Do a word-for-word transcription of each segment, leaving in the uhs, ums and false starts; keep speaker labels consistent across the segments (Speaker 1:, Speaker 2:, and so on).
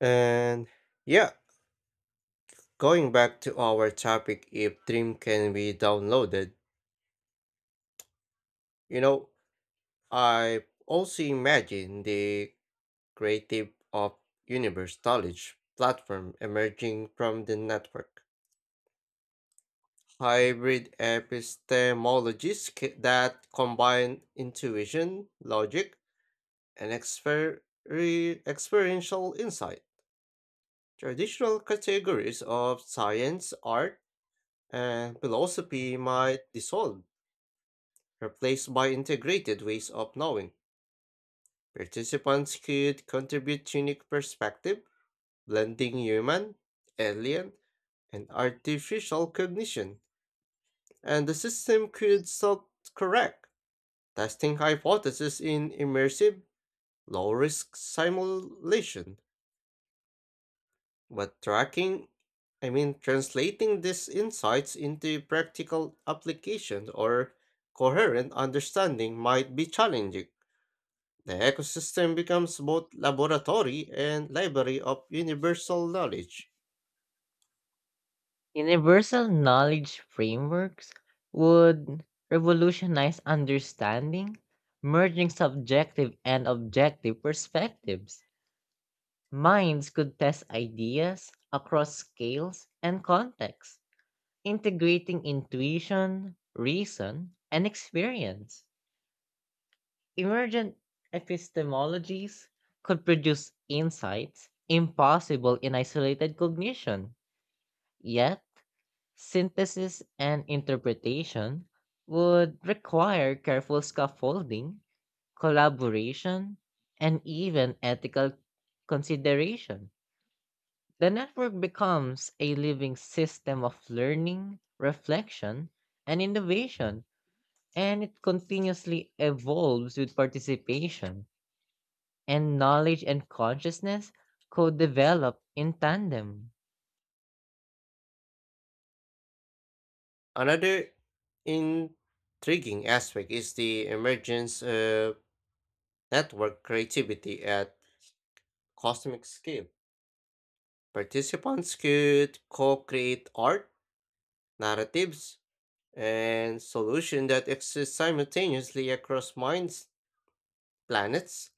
Speaker 1: And yeah, going back to our topic, if Dream can be downloaded, you know, I also imagine the creative of universe knowledge platform emerging from the network. Hybrid epistemologies c- that combine intuition, logic, and exper- re- experiential insight. Traditional categories of science, art, and philosophy might dissolve, replaced by integrated ways of knowing. Participants could contribute unique perspective, blending human, alien, and artificial cognition, and the system could self-correct, testing hypotheses in immersive, low-risk simulation. But tracking, I mean, translating these insights into practical application or coherent understanding might be challenging. The ecosystem becomes both laboratory and library of universal knowledge.
Speaker 2: Universal knowledge frameworks would revolutionize understanding, merging subjective and objective perspectives. Minds could test ideas across scales and contexts, integrating intuition, reason, and experience. Emergent epistemologies could produce insights impossible in isolated cognition, yet synthesis and interpretation would require careful scaffolding, collaboration, and even ethical consideration. The network becomes a living system of learning, reflection, and innovation, and it continuously evolves with participation, and knowledge and consciousness co develop in tandem.
Speaker 1: Another intriguing aspect is the emergence of network creativity at cosmic scale. Participants could co create art, narratives, and solutions that exist simultaneously across minds, planets,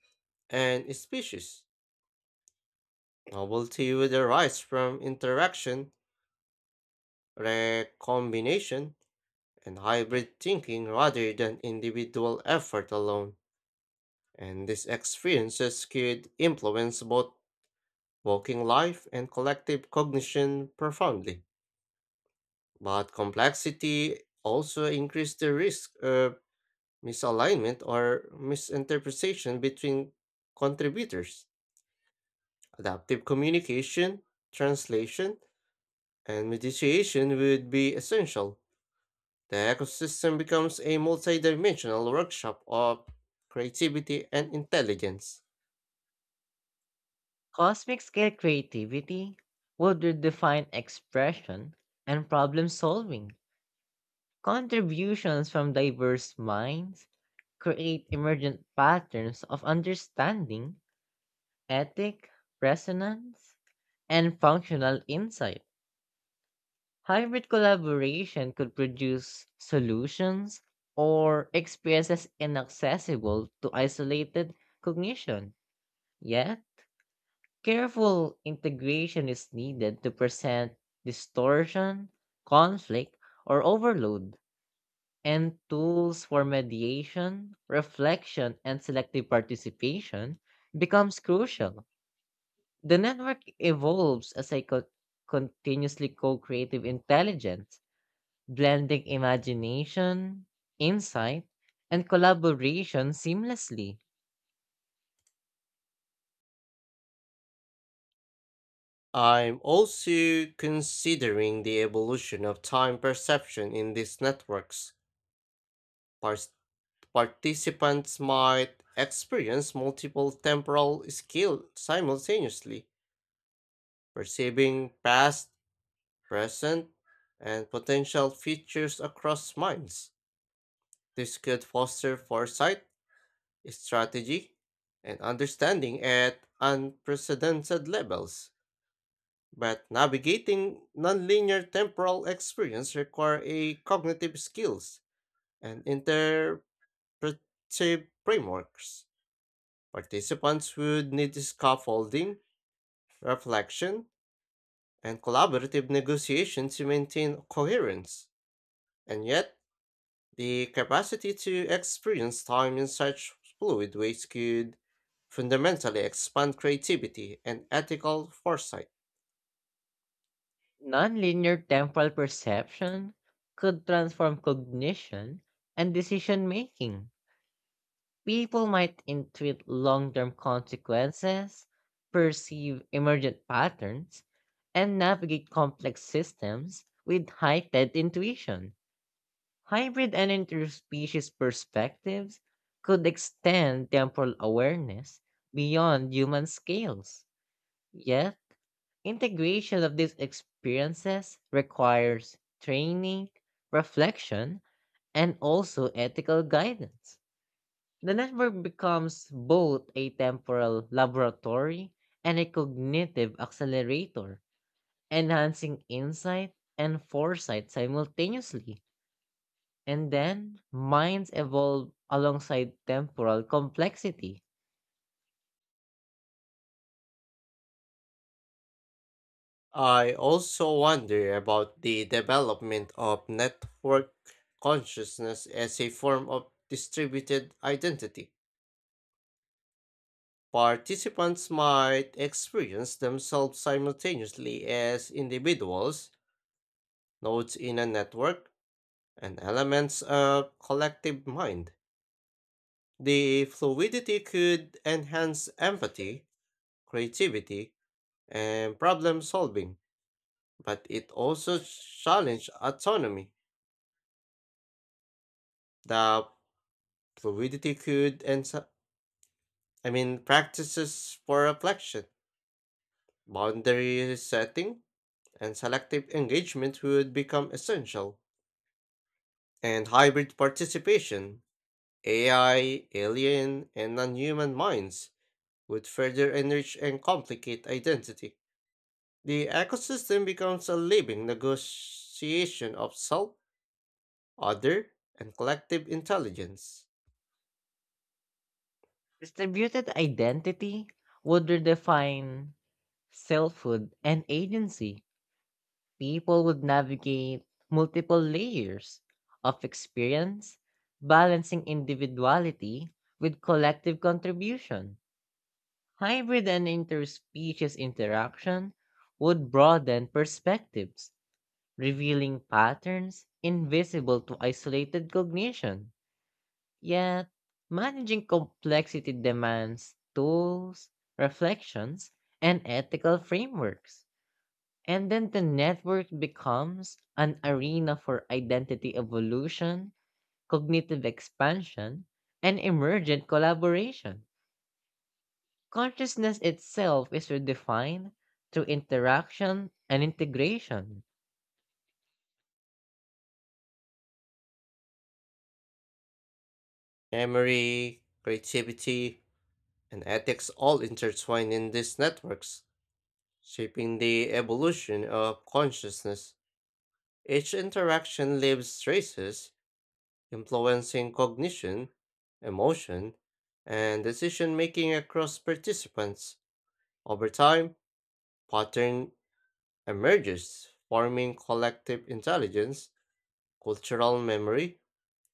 Speaker 1: and species. Novelty would arise from interaction, recombination, and hybrid thinking rather than individual effort alone, and these experiences could influence both waking life and collective cognition profoundly. But complexity also increases the risk of misalignment or misinterpretation between contributors. Adaptive communication, translation, and mediation would be essential. The ecosystem becomes a multidimensional workshop of creativity and intelligence.
Speaker 2: Cosmic scale creativity would redefine expression and problem solving. Contributions from diverse minds create emergent patterns of understanding, ethic, resonance, and functional insight. Hybrid collaboration could produce solutions or experiences inaccessible to isolated cognition. Yes, careful integration is needed to present distortion, conflict, or overload, and tools for mediation, reflection, and selective participation becomes crucial. The network evolves as a co- continuously co-creative intelligence, blending imagination, insight, and collaboration seamlessly.
Speaker 1: I'm also considering the evolution of time perception in these networks. Par- Participants might experience multiple temporal scales simultaneously, perceiving past, present, and potential futures across minds. This could foster foresight, strategy, and understanding at unprecedented levels. But navigating nonlinear temporal experience require a cognitive skills and interpretive frameworks. Participants would need scaffolding, reflection, and collaborative negotiation to maintain coherence. And yet, the capacity to experience time in such fluid ways could fundamentally expand creativity and ethical foresight.
Speaker 2: Nonlinear temporal perception could transform cognition and decision making. People might intuit long term consequences, perceive emergent patterns, and navigate complex systems with heightened intuition. Hybrid and interspecies perspectives could extend temporal awareness beyond human scales. Yes, integration of these experiences requires training, reflection, and also ethical guidance. The network becomes both a temporal laboratory and a cognitive accelerator, enhancing insight and foresight simultaneously. And then minds evolve alongside temporal complexity.
Speaker 1: I also wonder about the development of network consciousness as a form of distributed identity. Participants might experience themselves simultaneously as individuals, nodes in a network, and elements of collective mind. The fluidity could enhance empathy, creativity, and problem solving, but it also challenged autonomy. The fluidity could enhance, I mean, practices for reflection, boundary setting, and selective engagement would become essential. And hybrid participation, A I, alien, and non human minds would further enrich and complicate identity. The ecosystem becomes a living negotiation of self, other, and collective intelligence.
Speaker 2: Distributed identity would redefine selfhood and agency. People would navigate multiple layers of experience, balancing individuality with collective contribution. Hybrid and interspecies interaction would broaden perspectives, revealing patterns invisible to isolated cognition. Yet, managing complexity demands tools, reflections, and ethical frameworks. And then the network becomes an arena for identity evolution, cognitive expansion, and emergent collaboration. Consciousness itself is redefined through interaction and integration.
Speaker 1: Memory, creativity, and ethics all intertwine in these networks, shaping the evolution of consciousness. Each interaction leaves traces, influencing cognition, emotion, and decision making across participants. Over time, pattern emerges, forming collective intelligence, cultural memory,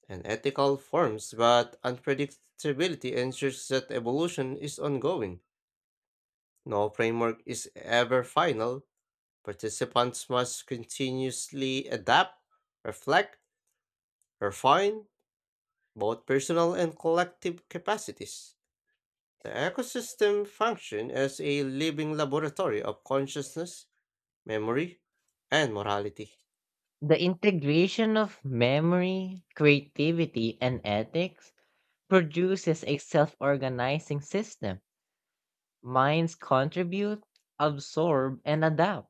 Speaker 1: and ethical forms, but unpredictability ensures that evolution is ongoing. No framework is ever final. Participants must continuously adapt, reflect, refine both personal and collective capacities. The ecosystem functions as a living laboratory of consciousness, memory, and morality.
Speaker 2: The integration of memory, creativity, and ethics produces a self organizing system. Minds contribute, absorb, and adapt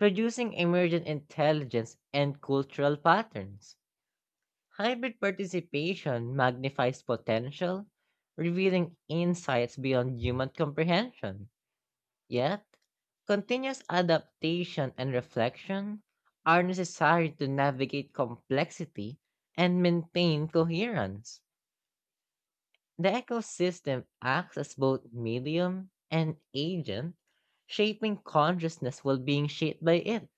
Speaker 2: producing emergent intelligence and cultural patterns. Hybrid participation magnifies potential, revealing insights beyond human comprehension. Yet, continuous adaptation and reflection are necessary to navigate complexity and maintain coherence. The ecosystem acts as both medium and agent, shaping consciousness while being shaped by it,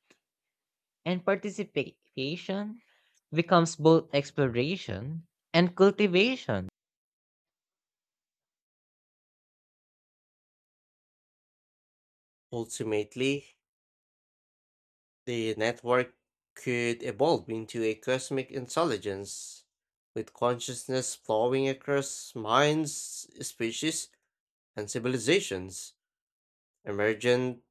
Speaker 2: and participation becomes both exploration and cultivation.
Speaker 1: Ultimately, the network could evolve into a cosmic intelligence, with consciousness flowing across minds, species, and civilizations. Emergent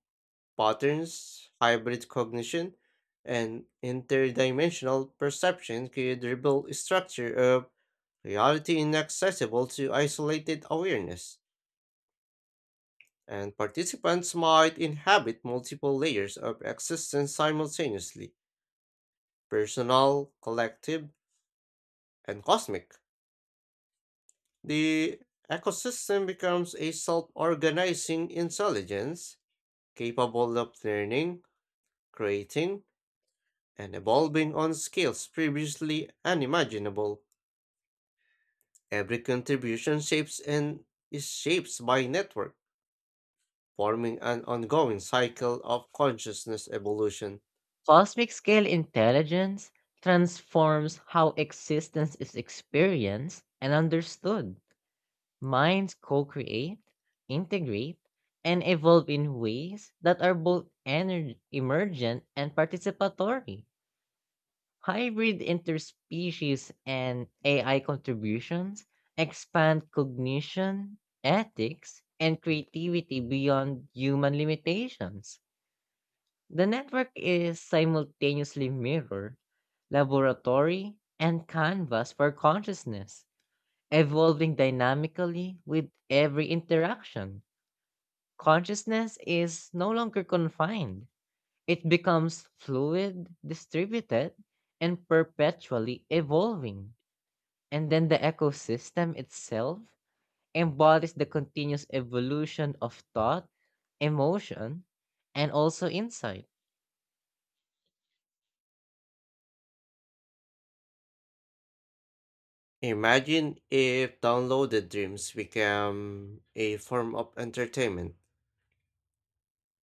Speaker 1: patterns, hybrid cognition, and interdimensional perception could reveal a structure of reality inaccessible to isolated awareness, and participants might inhabit multiple layers of existence simultaneously, personal, collective, and cosmic. The ecosystem becomes a self organizing intelligence capable of learning, creating, and evolving on scales previously unimaginable. Every contribution shapes and is shaped by network, forming an ongoing cycle of consciousness evolution.
Speaker 2: Cosmic scale intelligence transforms how existence is experienced and understood. Minds co create, integrate, and evolve in ways that are both ener- emergent and participatory. Hybrid interspecies and A I contributions expand cognition, ethics, and creativity beyond human limitations. The network is simultaneously mirror, laboratory, and canvas for consciousness, evolving dynamically with every interaction. Consciousness is no longer confined, it becomes fluid, distributed, and perpetually evolving. And then the ecosystem itself embodies the continuous evolution of thought, emotion, and also insight.
Speaker 1: Imagine if downloaded dreams became a form of entertainment.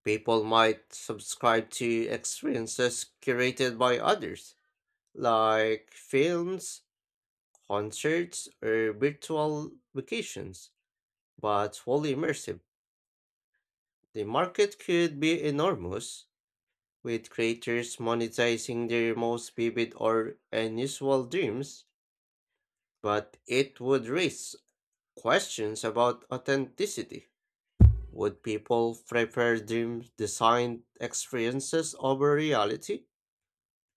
Speaker 1: People might subscribe to experiences curated by others, like films, concerts, or virtual vacations, but fully immersive. The market could be enormous, with creators monetizing their most vivid or unusual dreams, but it would raise questions about authenticity. Would people prefer dream designed experiences over reality?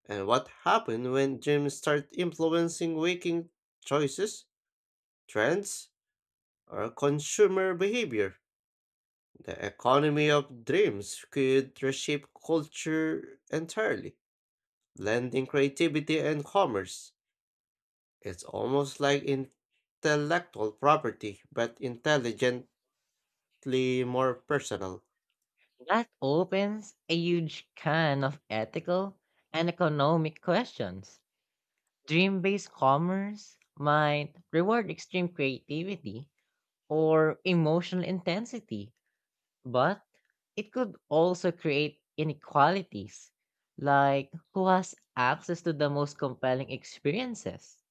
Speaker 1: And what happened when gyms start influencing waking choices, trends, or consumer behavior? The economy of dreams could reshape culture entirely, blending creativity and commerce. It's almost like intellectual property, but intelligently more personal.
Speaker 2: That opens a huge can of ethical and economic questions. Dream based commerce might reward extreme creativity or emotional intensity, but it could also create inequalities, like who has access to the most compelling experiences.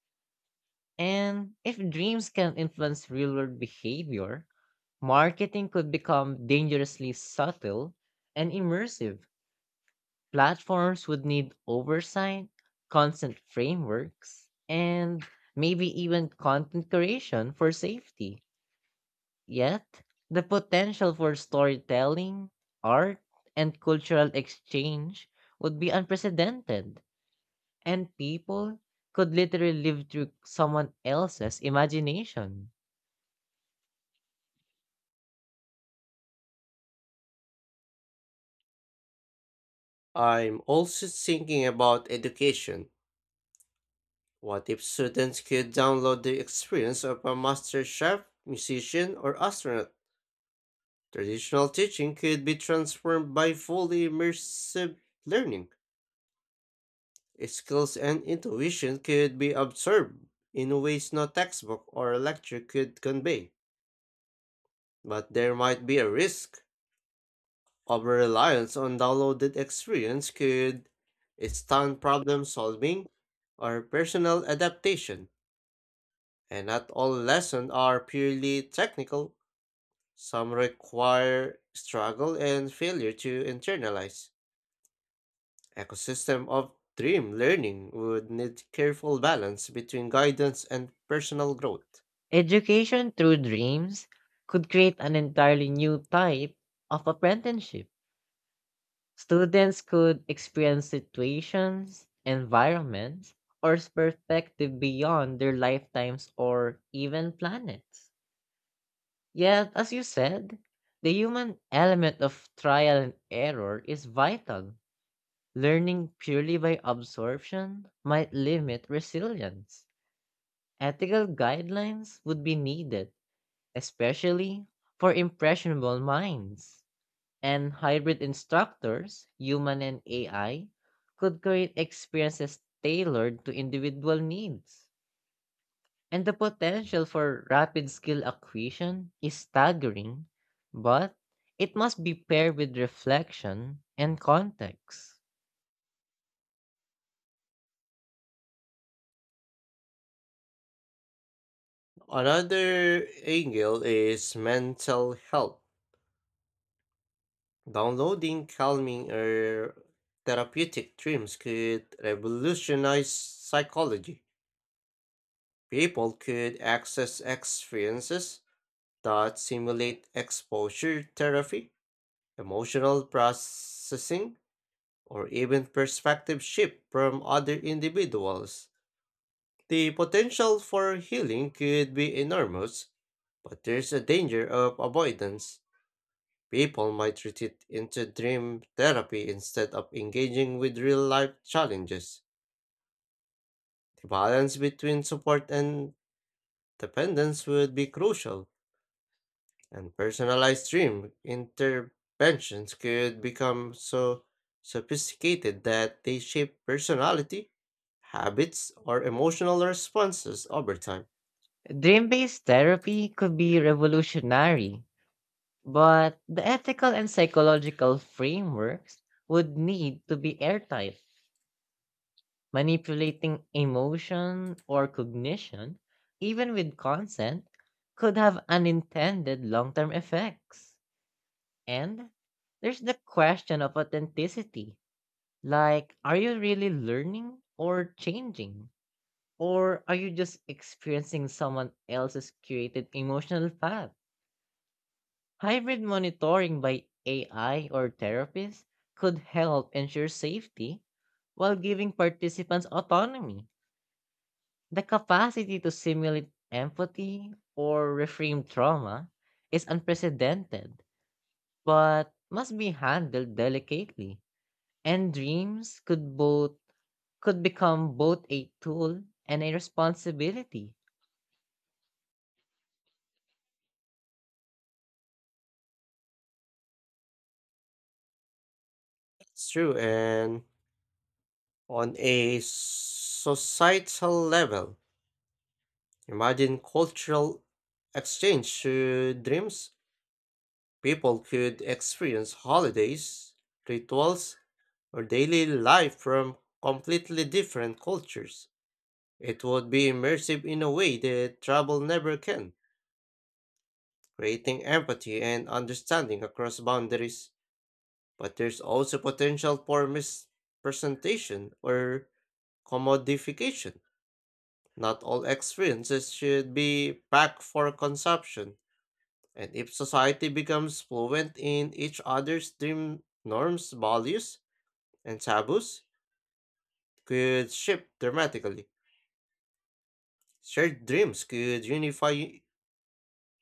Speaker 2: And if dreams can influence real world behavior, marketing could become dangerously subtle and immersive. Platforms would need oversight, constant frameworks, and maybe even content creation for safety. Yet, the potential for storytelling, art, and cultural exchange would be unprecedented, and people could literally live through someone else's imagination.
Speaker 1: I'm also thinking about education. What if students could download the experience of a master chef, musician, or astronaut? Traditional teaching could be transformed by fully immersive learning. Skills and intuition could be absorbed in ways no textbook or lecture could convey. But there might be a risk. Over reliance on downloaded experience could stunt problem solving or personal adaptation, and not all lessons are purely technical. Some require struggle and failure to internalize. Ecosystem of dream learning would need careful balance between guidance and personal growth.
Speaker 2: Education through dreams could create an entirely new type of apprenticeship. Students could experience situations, environments, or perspective beyond their lifetimes or even planets. Yet, as you said, the human element of trial and error is vital. Learning purely by absorption might limit resilience. Ethical guidelines would be needed especially for impressionable minds. And hybrid instructors, human and A I, could create experiences tailored to individual needs. And the potential for rapid skill acquisition is staggering, but it must be paired with reflection and context.
Speaker 1: Another angle is mental health. Downloading calming or therapeutic dreams could revolutionize psychology. People could access experiences that simulate exposure therapy, emotional processing, or even perspective shift from other individuals. The potential for healing could be enormous, but there's a danger of avoidance. People might retreat into dream therapy instead of engaging with real life challenges. The balance between support and dependence would be crucial. And personalized dream interventions could become so sophisticated that they shape personality, habits, or emotional responses over time.
Speaker 2: Dream based therapy could be revolutionary, but the ethical and psychological frameworks would need to be airtight. Manipulating emotion or cognition, even with consent, could have unintended long term effects. And there's the question of authenticity, like, are you really learning or changing? Or are you just experiencing someone else's curated emotional path? Hybrid monitoring by A I or therapists could help ensure safety while giving participants autonomy. The capacity to simulate empathy or reframe trauma is unprecedented, but must be handled delicately. And dreams could both could become both a tool and a responsibility.
Speaker 1: It's true. And on a societal level, imagine cultural exchange through dreams. People could experience holidays, rituals, or daily life from completely different cultures. It would be immersive in a way that travel never can, creating empathy and understanding across boundaries. But there's also potential for misrepresentation or commodification. Not all experiences should be packed for consumption. And if society becomes fluent in each other's dream norms, values, and taboos, could shift dramatically. Shared dreams could unify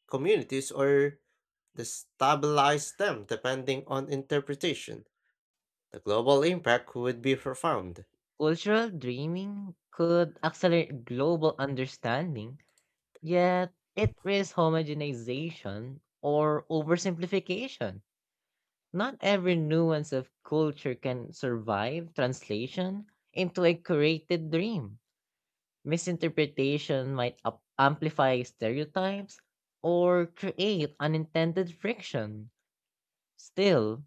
Speaker 1: communities or destabilize them depending on interpretation. The global impact would be profound.
Speaker 2: Cultural dreaming could accelerate global understanding, yet it risks homogenization or oversimplification. Not every nuance of culture can survive translation into a created dream. Misinterpretation might up- amplify stereotypes or create unintended friction. Still,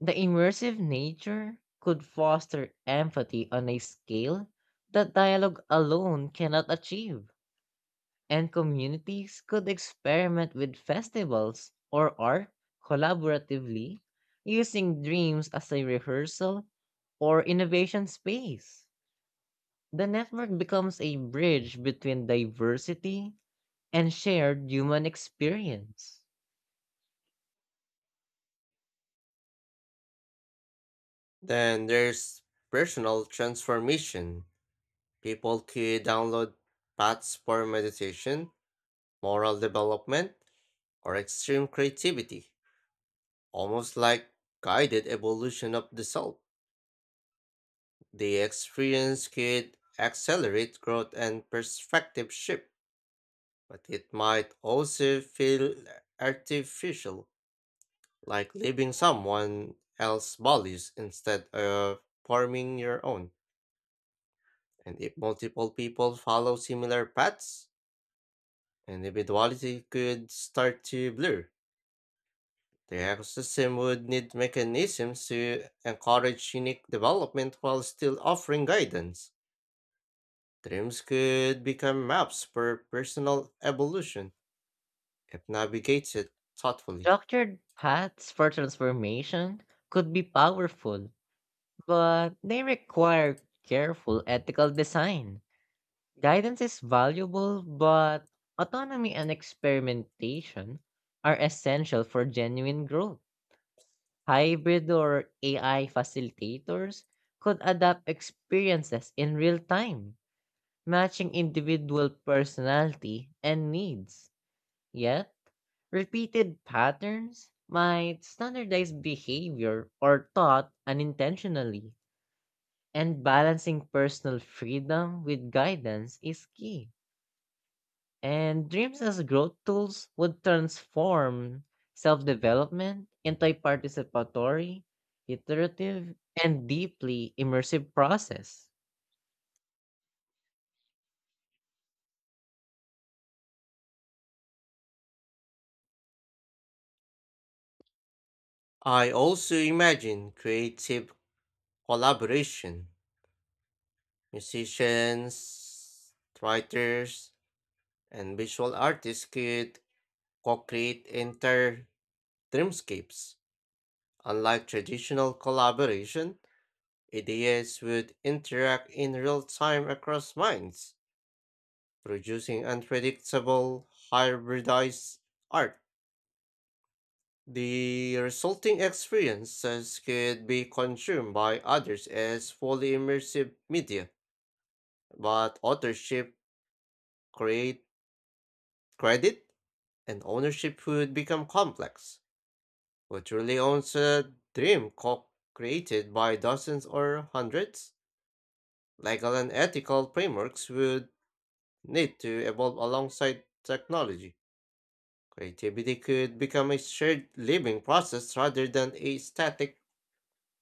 Speaker 2: the immersive nature could foster empathy on a scale that dialogue alone cannot achieve, and communities could experiment with festivals or art collaboratively using dreams as a rehearsal or innovation space. The network becomes a bridge between diversity and shared human experience.
Speaker 1: Then there's personal transformation. People could download paths for meditation, moral development, or extreme creativity, almost like guided evolution of the soul. The experience could accelerate growth and perspective shift, but it might also feel artificial, like leaving someone else's values instead of forming your own. And if multiple people follow similar paths, individuality could start to blur. The ecosystem would need mechanisms to encourage unique development while still offering guidance. Dreams could become maps for personal evolution if navigated thoughtfully.
Speaker 2: Structured paths for transformation could be powerful, but they require careful ethical design. Guidance is valuable, but autonomy and experimentation are essential for genuine growth. Hybrid or A I facilitators could adapt experiences in real time, matching individual personality and needs. Yet, repeated patterns might standardize behavior or thought unintentionally, and balancing personal freedom with guidance is key. And dreams as growth tools would transform self development into a participatory, iterative, and deeply immersive process.
Speaker 1: I also imagine creative collaboration. Musicians, writers, and visual artists could co create entire dreamscapes. Unlike traditional collaboration, ideas would interact in real time across minds, producing unpredictable, hybridized art. The resulting experiences could be consumed by others as fully immersive media, but authorship create credit and ownership would become complex. Who truly owns a dream co created by dozens or hundreds? Legal and ethical frameworks would need to evolve alongside technology. Creativity could become a shared living process rather than a static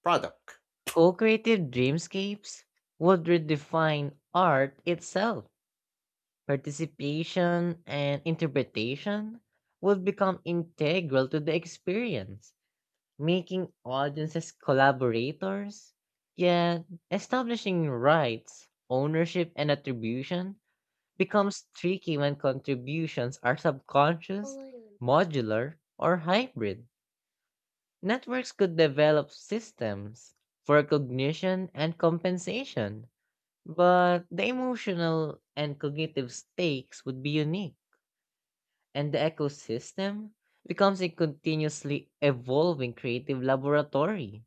Speaker 1: product.
Speaker 2: Co creative dreamscapes would redefine art itself. Participation and interpretation would become integral to the experience, making audiences collaborators, yet establishing rights, ownership, and attribution becomes tricky when contributions are subconscious, modular, or hybrid. Networks could develop systems for cognition and compensation, but the emotional and cognitive stakes would be unique, and the ecosystem becomes a continuously evolving creative laboratory.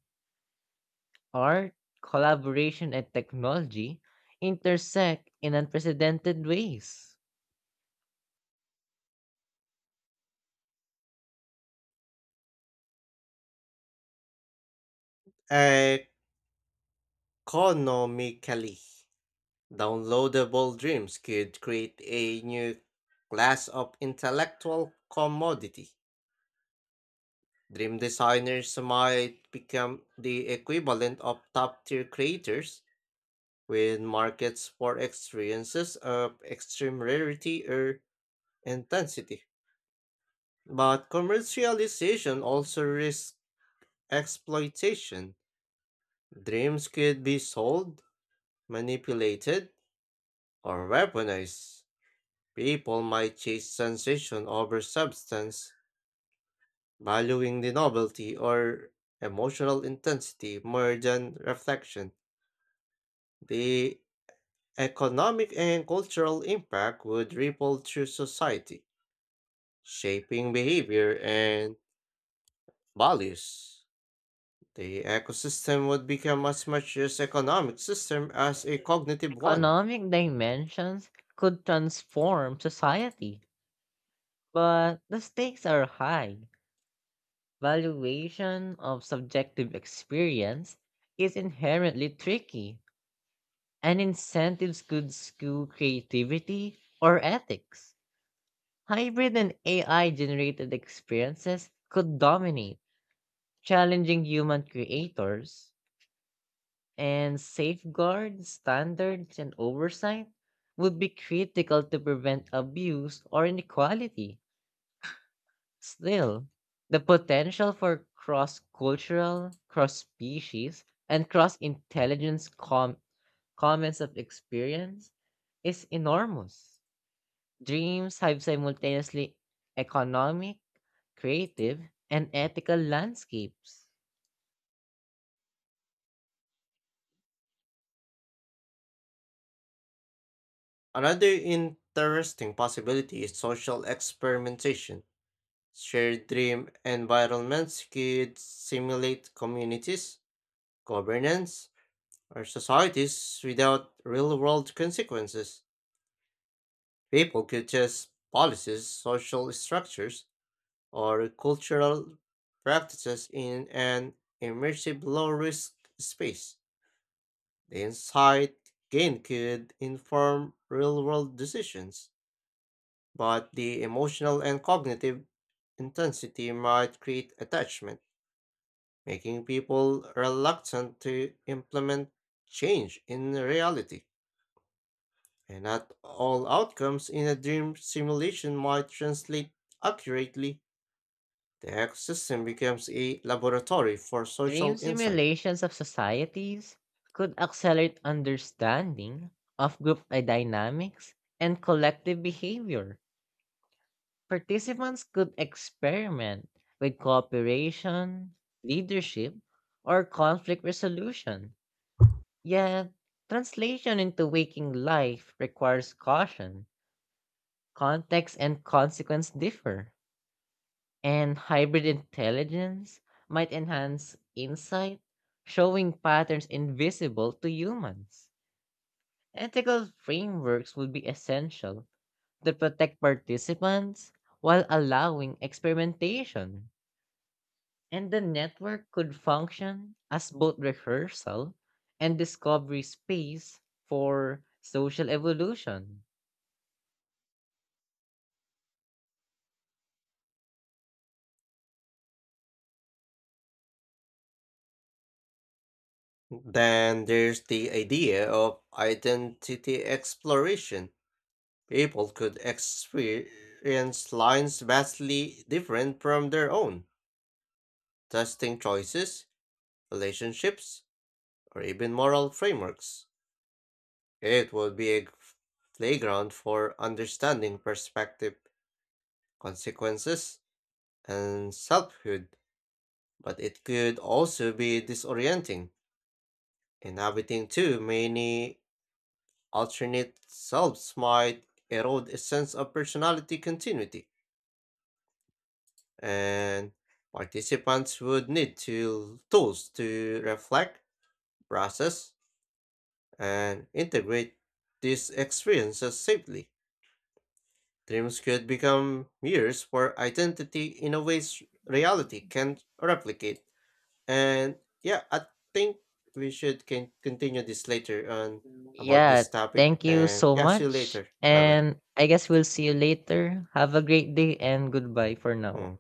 Speaker 2: Art, collaboration, and technology intersect in unprecedented ways.
Speaker 1: Economically, downloadable dreams could create a new class of intellectual commodity. Dream designers might become the equivalent of top tier creators with markets for experiences of extreme rarity or intensity. But commercialization also risks exploitation. Dreams could be sold, manipulated, or weaponized. People might chase sensation over substance, valuing the novelty or emotional intensity more than reflection. The economic and cultural impact would ripple through society, shaping behavior and values. The ecosystem would become as much as economic system as a cognitive one.
Speaker 2: Economic dimensions could transform society, but the stakes are high. Valuation of subjective experience is inherently tricky, and incentives could skew creativity or ethics. Hybrid and A I generated experiences could dominate, challenging human creators. And safeguard standards and oversight would be critical to prevent abuse or inequality. Still, the potential for cross cultural, cross species, and cross intelligence com- comments of experience is enormous. Dreams have simultaneously economic, creative, and ethical landscapes.
Speaker 1: Another interesting possibility is social experimentation. Shared dream environments could simulate communities, governance, or societies without real-world consequences. People could just policies, social structures, or cultural practices in an immersive low risk space. The insight gained could inform real world decisions, but the emotional and cognitive intensity might create attachment, making people reluctant to implement change in reality. And not all outcomes in a dream simulation might translate accurately. The ecosystem becomes a laboratory for
Speaker 2: Dream
Speaker 1: social insight.
Speaker 2: simulations of societies could accelerate understanding of group dynamics and collective behavior. Participants could experiment with cooperation, leadership, or conflict resolution. Yet, translation into waking life requires caution. Context and consequence differ. And hybrid intelligence might enhance insight, showing patterns invisible to humans. Ethical frameworks would be essential to protect participants while allowing experimentation. And the network could function as both rehearsal and discovery space for social evolution.
Speaker 1: Then there's the idea of identity exploration. People could experience lines vastly different from their own, testing choices, relationships, or even moral frameworks. It would be a playground for understanding perspective, consequences, and selfhood, but it could also be disorienting. In everything too, many alternate selves might erode a sense of personality continuity, and participants would need to tools to reflect, process, and integrate these experiences safely. Dreams could become mirrors for identity in a ways reality can't replicate. And yeah, I think we should can continue this later on about
Speaker 2: Yeah,
Speaker 1: this topic.
Speaker 2: thank you
Speaker 1: And
Speaker 2: so
Speaker 1: yeah, see you
Speaker 2: much.
Speaker 1: later. Bye bye.
Speaker 2: And I guess we'll see you later. Have a great day and goodbye for now.
Speaker 1: Mm,